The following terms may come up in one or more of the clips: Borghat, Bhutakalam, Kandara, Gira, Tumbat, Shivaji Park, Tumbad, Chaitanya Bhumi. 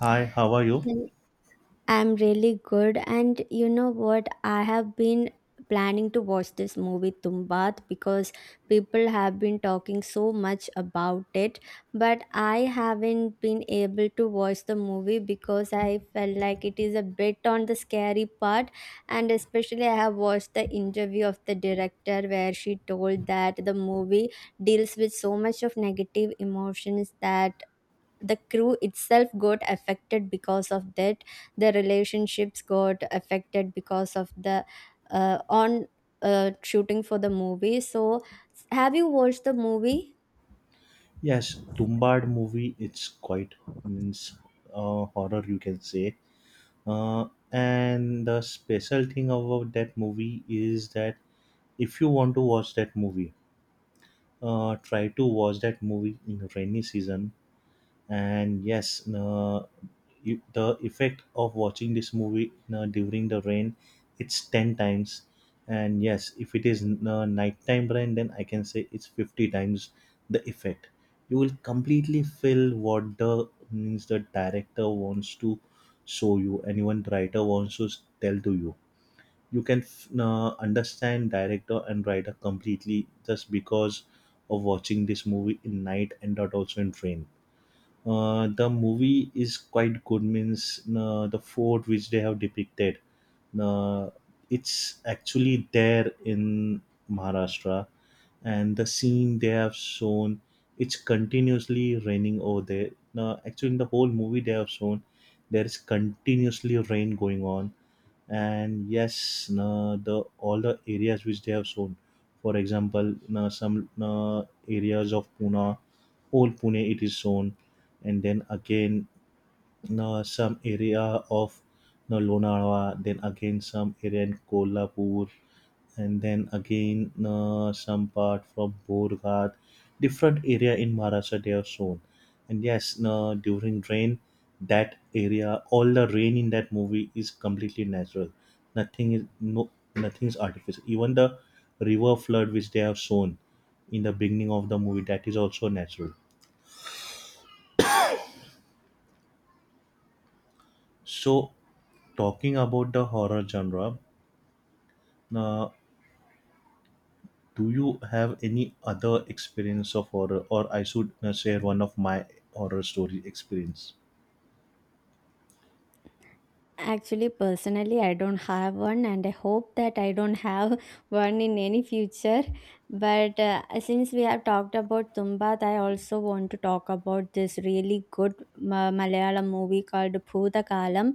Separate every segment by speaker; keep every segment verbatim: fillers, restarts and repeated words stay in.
Speaker 1: Hi, how are you?
Speaker 2: Well, I'm really good. And you know what? I have been planning to watch this movie Tumbat because people have been talking so much about it. But I haven't been able to watch the movie because I felt like it is a bit on the scary part. And especially, I have watched the interview of the director where she told that the movie deals with so much of negative emotions that the crew itself got affected because of that the relationships got affected because of the uh, on uh, shooting for the movie. So have you watched the movie?
Speaker 1: Yes, Tumbad movie. It's quite means uh, horror, you can say. Uh, and the special thing about that movie is that if you want to watch that movie, uh, try to watch that movie in rainy season. And yes, no, you, the effect of watching this movie, no, during the rain, it's ten times. And yes, if it is no, nighttime rain, then I can say it's fifty times the effect. You will completely feel what the means the director wants to show you, and even writer wants to s- tell to you. You can uh, understand director and writer completely just because of watching this movie in night and not also in rain. Uh, the movie is quite good, means uh, the fort which they have depicted, uh, it's actually there in Maharashtra. And the scene they have shown, it's continuously raining over there. Now actually in the whole movie they have shown there is continuously rain going on. And yes, uh, the all the areas which they have shown, for example, uh, some uh, areas of Pune, whole Pune it is shown. And then again, uh, some area of uh, Lonavala, then again some area in Kolhapur, and then again uh, some part from Borghat, different area in Maharashtra they have shown. And yes, uh, during rain, that area, all the rain in that movie is completely natural. Nothing is no, nothing is artificial. Even the river flood which they have shown in the beginning of the movie, that is also natural. So talking about the horror genre, uh, do you have any other experience of horror, or I should uh, share one of my horror story experience?
Speaker 2: Actually, personally I don't have one, and I hope that I don't have one in any future. But uh, since we have talked about Tumbat, I also want to talk about this really good uh, Malayalam movie called Bhutakalam.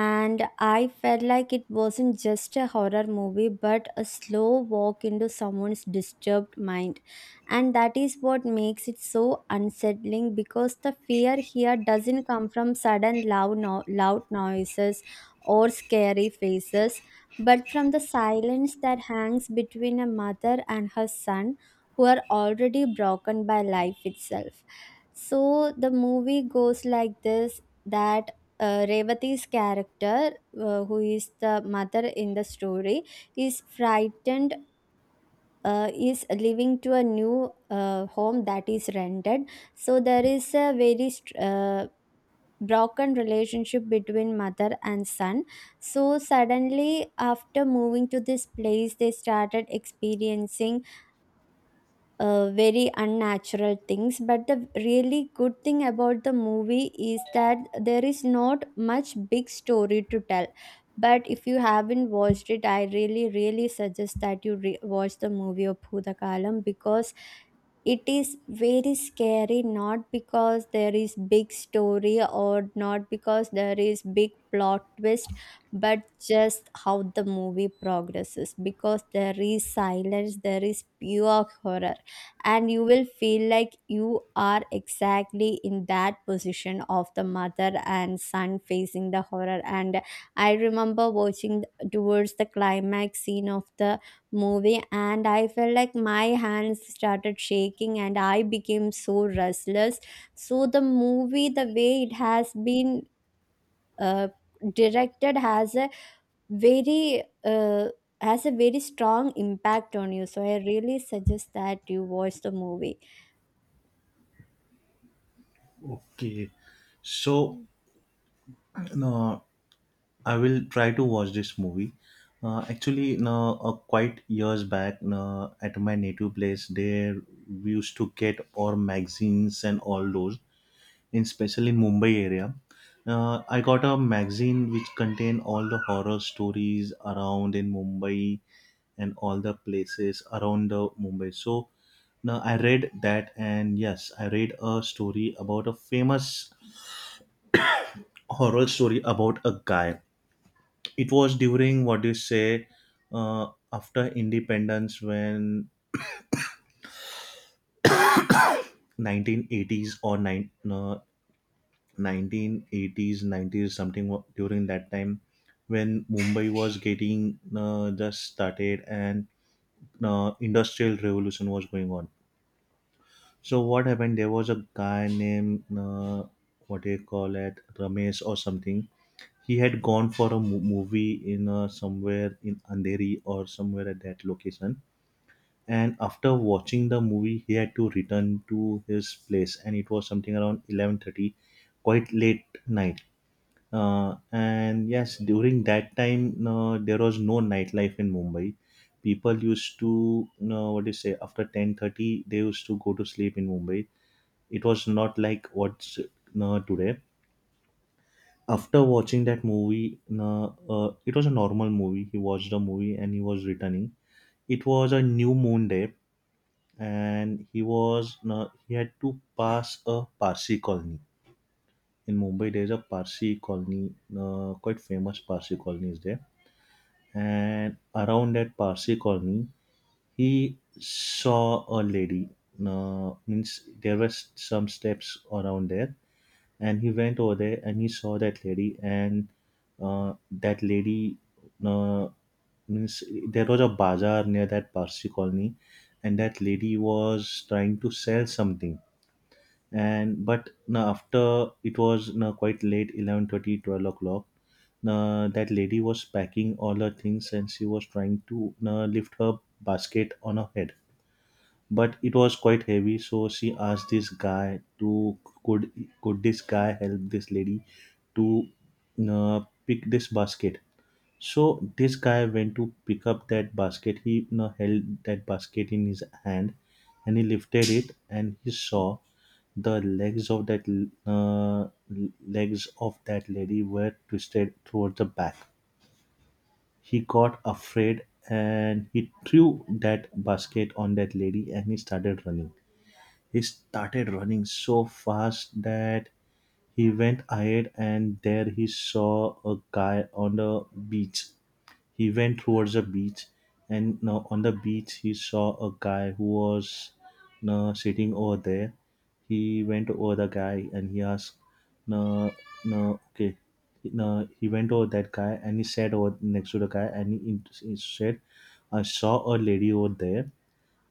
Speaker 2: And I felt like it wasn't just a horror movie but a slow walk into someone's disturbed mind. And that is what makes it so unsettling, because the fear here doesn't come from sudden loud, no- loud noises or scary faces, but from the silence that hangs between a mother and her son who are already broken by life itself. So the movie goes like this, that uh, Revati's character, uh, who is the mother in the story, is frightened, uh, is living to a new uh, home that is rented. So there is a very str- uh, broken relationship between mother and son. So suddenly, after moving to this place, they started experiencing uh, very unnatural things. But the really good thing about the movie is that there is not much big story to tell. But if you haven't watched it, I really, really suggest that you re- watch the movie of Bhutakalam, because it is very scary, not because there is big story or not because there is big plot twist, but just how the movie progresses. Because there is silence, there is pure horror, and you will feel like you are exactly in that position of the mother and son facing the horror. And I remember watching towards the climax scene of the movie, and I felt like my hands started shaking and I became so restless. So the movie, the way it has been uh, directed, has a very uh, has a very strong impact on you. So I really suggest that you watch the movie.
Speaker 1: Okay, so uh, I will try to watch this movie. Uh, actually, no, uh, quite years back, no, at my native place, there we used to get our magazines and all those, in especially in Mumbai area. Uh, I got a magazine which contained all the horror stories around in Mumbai and all the places around the Mumbai. So now I read that, and yes, I read a story about a famous horror story about a guy. It was during what do you say, uh, after independence when nineteen eighties, or nine, uh, nineteen eighties, nineties something, wa- during that time when Mumbai was getting uh, just started and uh, industrial revolution was going on. So what happened, there was a guy named, uh, what do you call it, Ramesh or something. He had gone for a mo- movie in uh, somewhere in Andheri or somewhere at that location, and after watching the movie he had to return to his place, and it was something around eleven thirty, quite late night. Uh, and yes, during that time, uh, there was no nightlife in Mumbai. People used to, uh, what do you say, after ten thirty, they used to go to sleep in Mumbai. It was not like what's uh, today. After watching that movie, uh, uh, it was a normal movie. He watched the movie and he was returning. It was a new moon day, and he was uh, he had to pass a Parsi colony in Mumbai. There is a Parsi colony, uh, quite famous Parsi colony is there, and around that Parsi colony, he saw a lady. Uh, means there was some steps around there, and he went over there and he saw that lady, and uh, that lady, uh, means there was a bazaar near that Parsi colony, and that lady was trying to sell something. And but now after it was now quite late, eleven thirty, twelve o'clock, uh, that lady was packing all her things, and she was trying to uh, lift her basket on her head, but it was quite heavy, so she asked this guy to, could could this guy help this lady to uh, pick this basket. So this guy went to pick up that basket, he, you know, held that basket in his hand and he lifted it, and he saw the legs of that l- uh, legs of that lady were twisted towards the back. He got afraid and he threw that basket on that lady, and he started running. He started running so fast that he went ahead, and there he saw a guy on the beach. He went towards the beach, and now on the beach he saw a guy who was now sitting over there. He went over the guy and he asked no no okay no he went over that guy, and he sat over next to the guy, and he, he said, I saw a lady over there,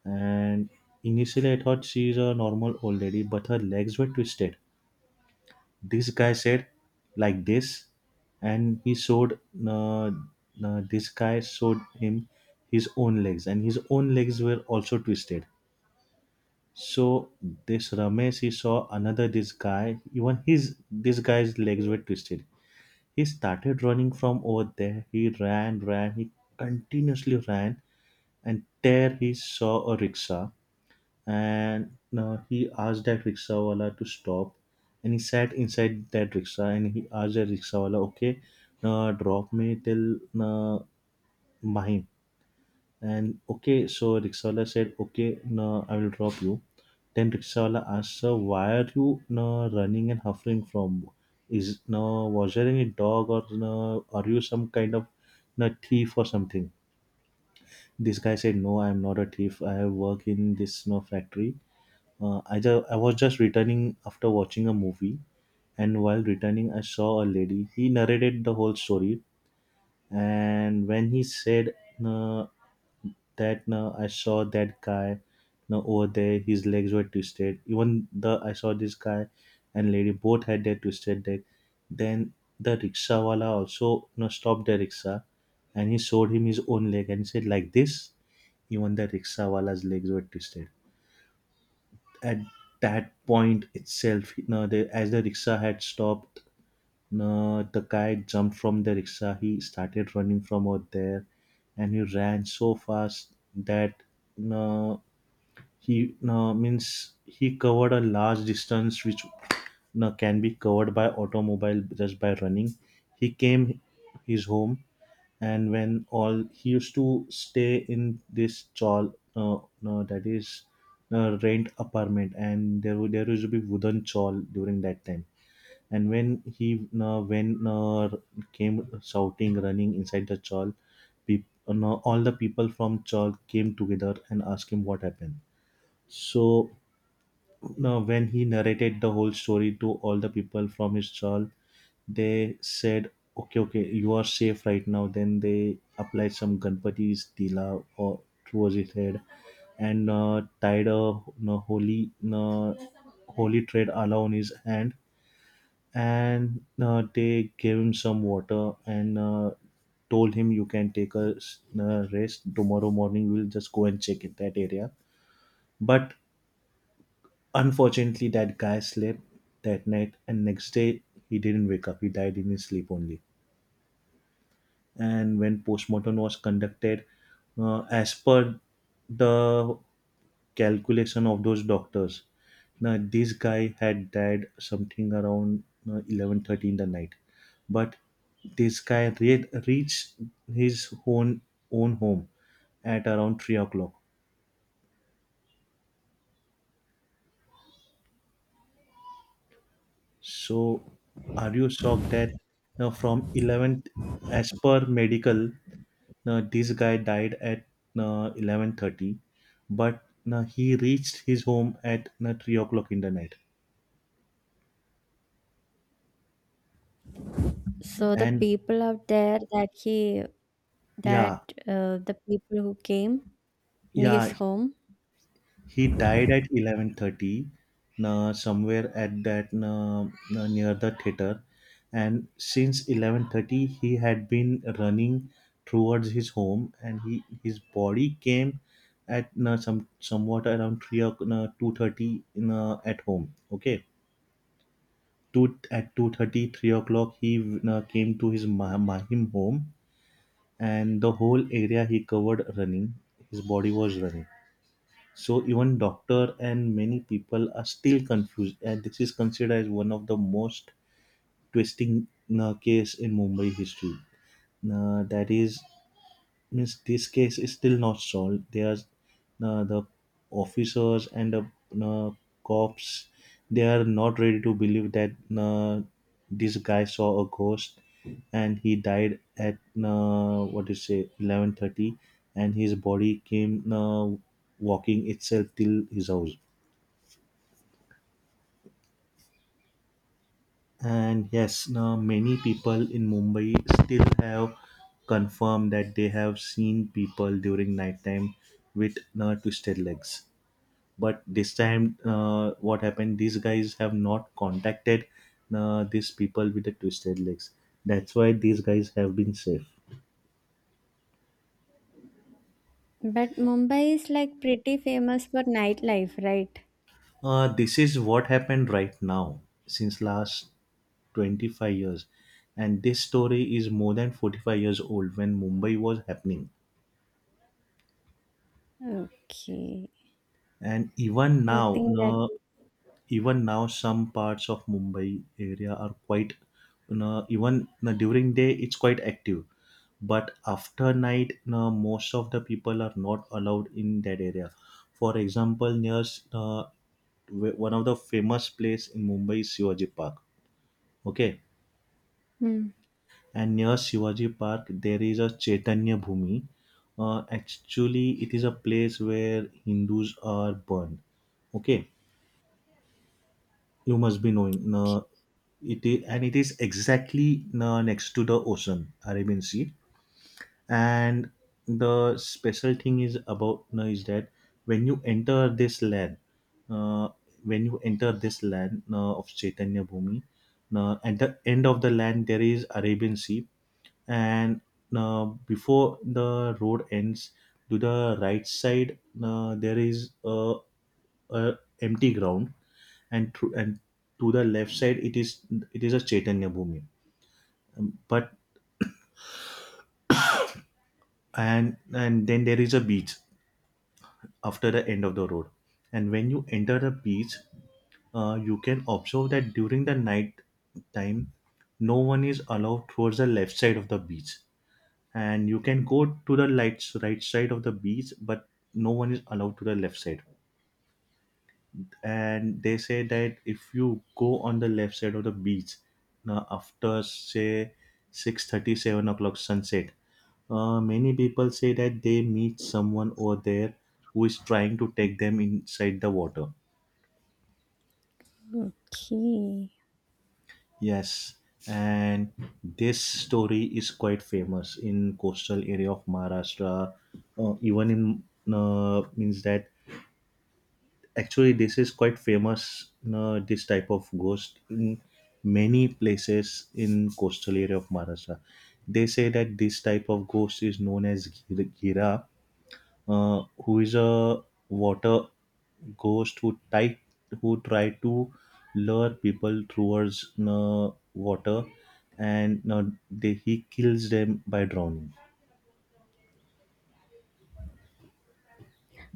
Speaker 1: and initially I thought she's a normal old lady, but her legs were twisted, this guy said, like this. And he showed uh, uh, this guy showed him his own legs, and his own legs were also twisted. So this Ramesh, he saw another, this guy, even his, this guy's legs were twisted. He started running from over there, he ran, ran, he continuously ran, and there he saw a rickshaw, and uh, he asked that rickshawala to stop, and he sat inside that rickshaw, and he asked that rickshawala, okay, uh, drop me till uh, Mahim. And okay, so rickshawala said, okay, no, I will drop you. Then rickshawala asked, sir, why are you, no, running and huffing from, is, no, was there any dog, or no, are you some kind of, no, thief or something. This guy said, no, I'm not a thief, I work in this, no, factory. uh, I, ju- I was just returning after watching a movie, and while returning, I saw a lady. He narrated the whole story, and when he said uh, that uh, I saw that guy uh, over there, his legs were twisted. Even the I saw this guy and lady, both had their twisted leg. Then the rickshawala also, you know, stopped the rickshaw, and he showed him his own leg, and he said, like this. Even the rickshawala's legs were twisted. At that point itself, you know, the, as the rickshaw had stopped, you know, the guy jumped from the rickshaw. He started running from out there, and he ran so fast that, you know, he you know, means he covered a large distance, which, you know, can be covered by automobile just by running. He came his home, and when all he used to stay in this chawl, uh, no, that is uh, rent apartment, and there would there used to be wooden chawl during that time, and when he uh, when uh, came shouting, running inside the chawl, peop- uh, no, all the people from chawl came together and asked him what happened. So now when he narrated the whole story to all the people from his chawl, they said, okay, okay, you are safe right now. Then they applied some Ganpati's tila or towards his head, and uh, tied a uh, holy uh, holy thread around his hand, and uh, they gave him some water, and uh, told him, you can take a s- uh, rest, tomorrow morning we'll just go and check in that area. But unfortunately that guy slept that night, and next day he didn't wake up, he died in his sleep only. And when postmortem was conducted, uh, as per the calculation of those doctors, now this guy had died something around uh, eleven thirty in the night, but this guy re- reached his own own home at around three o'clock. So, are you shocked that now from eleven, as per medical, now, this guy died at uh, eleven thirty, but uh, he reached his home at uh, three o'clock in the night.
Speaker 2: So the
Speaker 1: And
Speaker 2: people out there, that he that
Speaker 1: yeah,
Speaker 2: uh, the people who came in his
Speaker 1: yeah,
Speaker 2: home.
Speaker 1: he died at eleven thirty, uh, somewhere at that, uh, uh, near the theater. And since eleven thirty, he had been running towards his home, and he his body came at uh, some somewhat around three o'clock, uh, two thirty in, uh, at home. Okay, two, at two thirty, three o'clock he uh, came to his ma- ma- him home, and the whole area he covered running, his body was running. So even doctor and many people are still confused, and this is considered as one of the most twisting uh, case in Mumbai history, uh, that is, means this case is still not solved. They are uh, the officers and the uh, cops, they are not ready to believe that uh, this guy saw a ghost and he died at uh, what do you say, eleven thirty, and his body came uh, walking itself till his house. And yes, now many people in Mumbai still have confirmed that they have seen people during nighttime with uh, twisted legs. But this time uh, what happened, these guys have not contacted uh, these people with the twisted legs, that's why these guys have been safe.
Speaker 2: But Mumbai is like pretty famous for nightlife, right?
Speaker 1: Uh, this is what happened right now since last twenty-five years, and this story is more than forty-five years old, when Mumbai was happening.
Speaker 2: Okay.
Speaker 1: and even
Speaker 2: I
Speaker 1: now
Speaker 2: think that.
Speaker 1: uh, even now, some parts of Mumbai area are quite, you know, even, you know, during day it's quite active. But after night, you know, most of the people are not allowed in that area. For example, near uh, wh- one of the famous place in Mumbai is Shivaji Park. Okay,
Speaker 2: Hmm.
Speaker 1: and near Shivaji Park there is a Chaitanya Bhumi. Uh, actually, it is a place where Hindus are burned. Okay, you must be knowing no, it is, and it is exactly, no, next to the ocean, Arabian Sea. And the special thing is about, no, is that when you enter this land uh, when you enter this land uh, of Chaitanya Bhumi, uh, at the end of the land there is Arabian Sea. And uh, before the road ends, to the right side, uh, there is a, a, empty ground, and through, and to the left side, it is it is a Chaitanya Bhumi. But and and then there is a beach after the end of the road. And when you enter the beach, uh, you can observe that during the night time, no one is allowed towards the left side of the beach. And you can go to the lights right side of the beach, but no one is allowed to the left side. And they say that if you go on the left side of the beach, now after say six thirty, seven o'clock sunset, uh, many people say that they meet someone over there who is trying to take them inside the water.
Speaker 2: Okay.
Speaker 1: Yes, and this story is quite famous in coastal area of Maharashtra. Uh, even in, uh, means that, actually this is quite famous, you know, this type of ghost in many places in coastal area of Maharashtra. They say that this type of ghost is known as Gir- gira, uh, who is a water ghost, who try who try to lure people towards you, water, and you they, he kills them by drowning.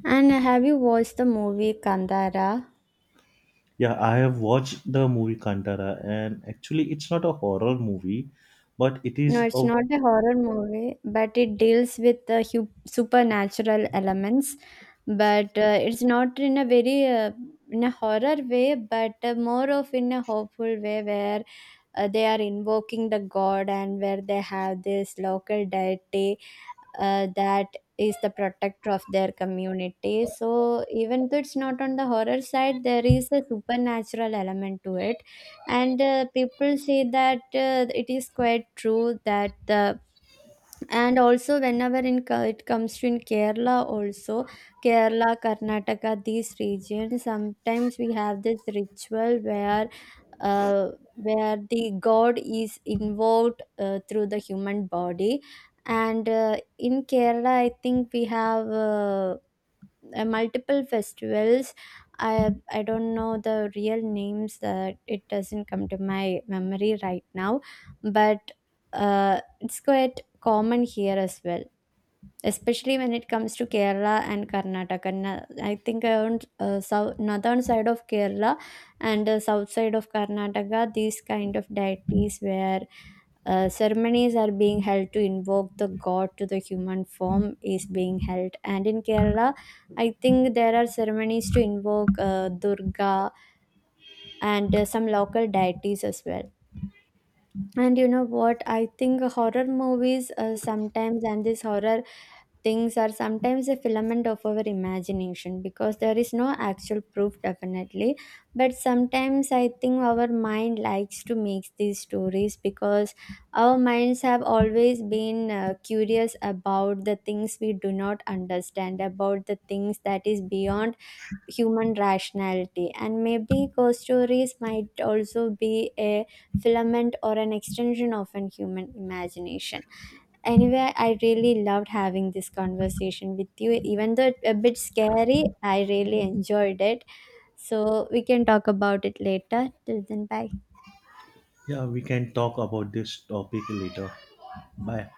Speaker 2: And have you watched the movie Kandara?
Speaker 1: Yeah, I have watched the movie Kantara, and actually it's not a horror movie but it
Speaker 2: No,
Speaker 1: is
Speaker 2: it's
Speaker 1: a
Speaker 2: not a horror movie, but it deals with the hu- supernatural elements. But uh, it's not in a very uh, in a horror way, but uh, more of in a hopeful way, where uh, they are invoking the god and where they have this local deity uh, that is the protector of their community. So even though it's not on the horror side, there is a supernatural element to it. And uh, people say that uh, it is quite true that the. And also whenever in Ke- it comes to in Kerala also, Kerala, Karnataka, these regions, sometimes we have this ritual where uh, where the god is involved uh, through the human body. And uh, in Kerala I think we have uh, uh, multiple festivals. I i don't know the real names, that it doesn't come to my memory right now. But uh, it's quite common here as well, especially when it comes to Kerala and Karnataka. Na- I think around uh, south, northern side of Kerala and uh, south side of Karnataka, these kind of deities where uh, ceremonies are being held to invoke the god to the human form is being held. And in Kerala, I think there are ceremonies to invoke uh, Durga and uh, some local deities as well. And you know what? I think horror movies uh, sometimes, and this horror things are sometimes a filament of our imagination, because there is no actual proof definitely. But sometimes I think our mind likes to make these stories, because our minds have always been uh, curious about the things we do not understand, about the things that is beyond human rationality. And maybe ghost stories might also be a filament or an extension of an human imagination. Anyway, I really loved having this conversation with you. Even though it a bit scary, I really enjoyed it. So we can talk about it later. Till then, bye.
Speaker 1: Yeah, we can talk about this topic later. Bye.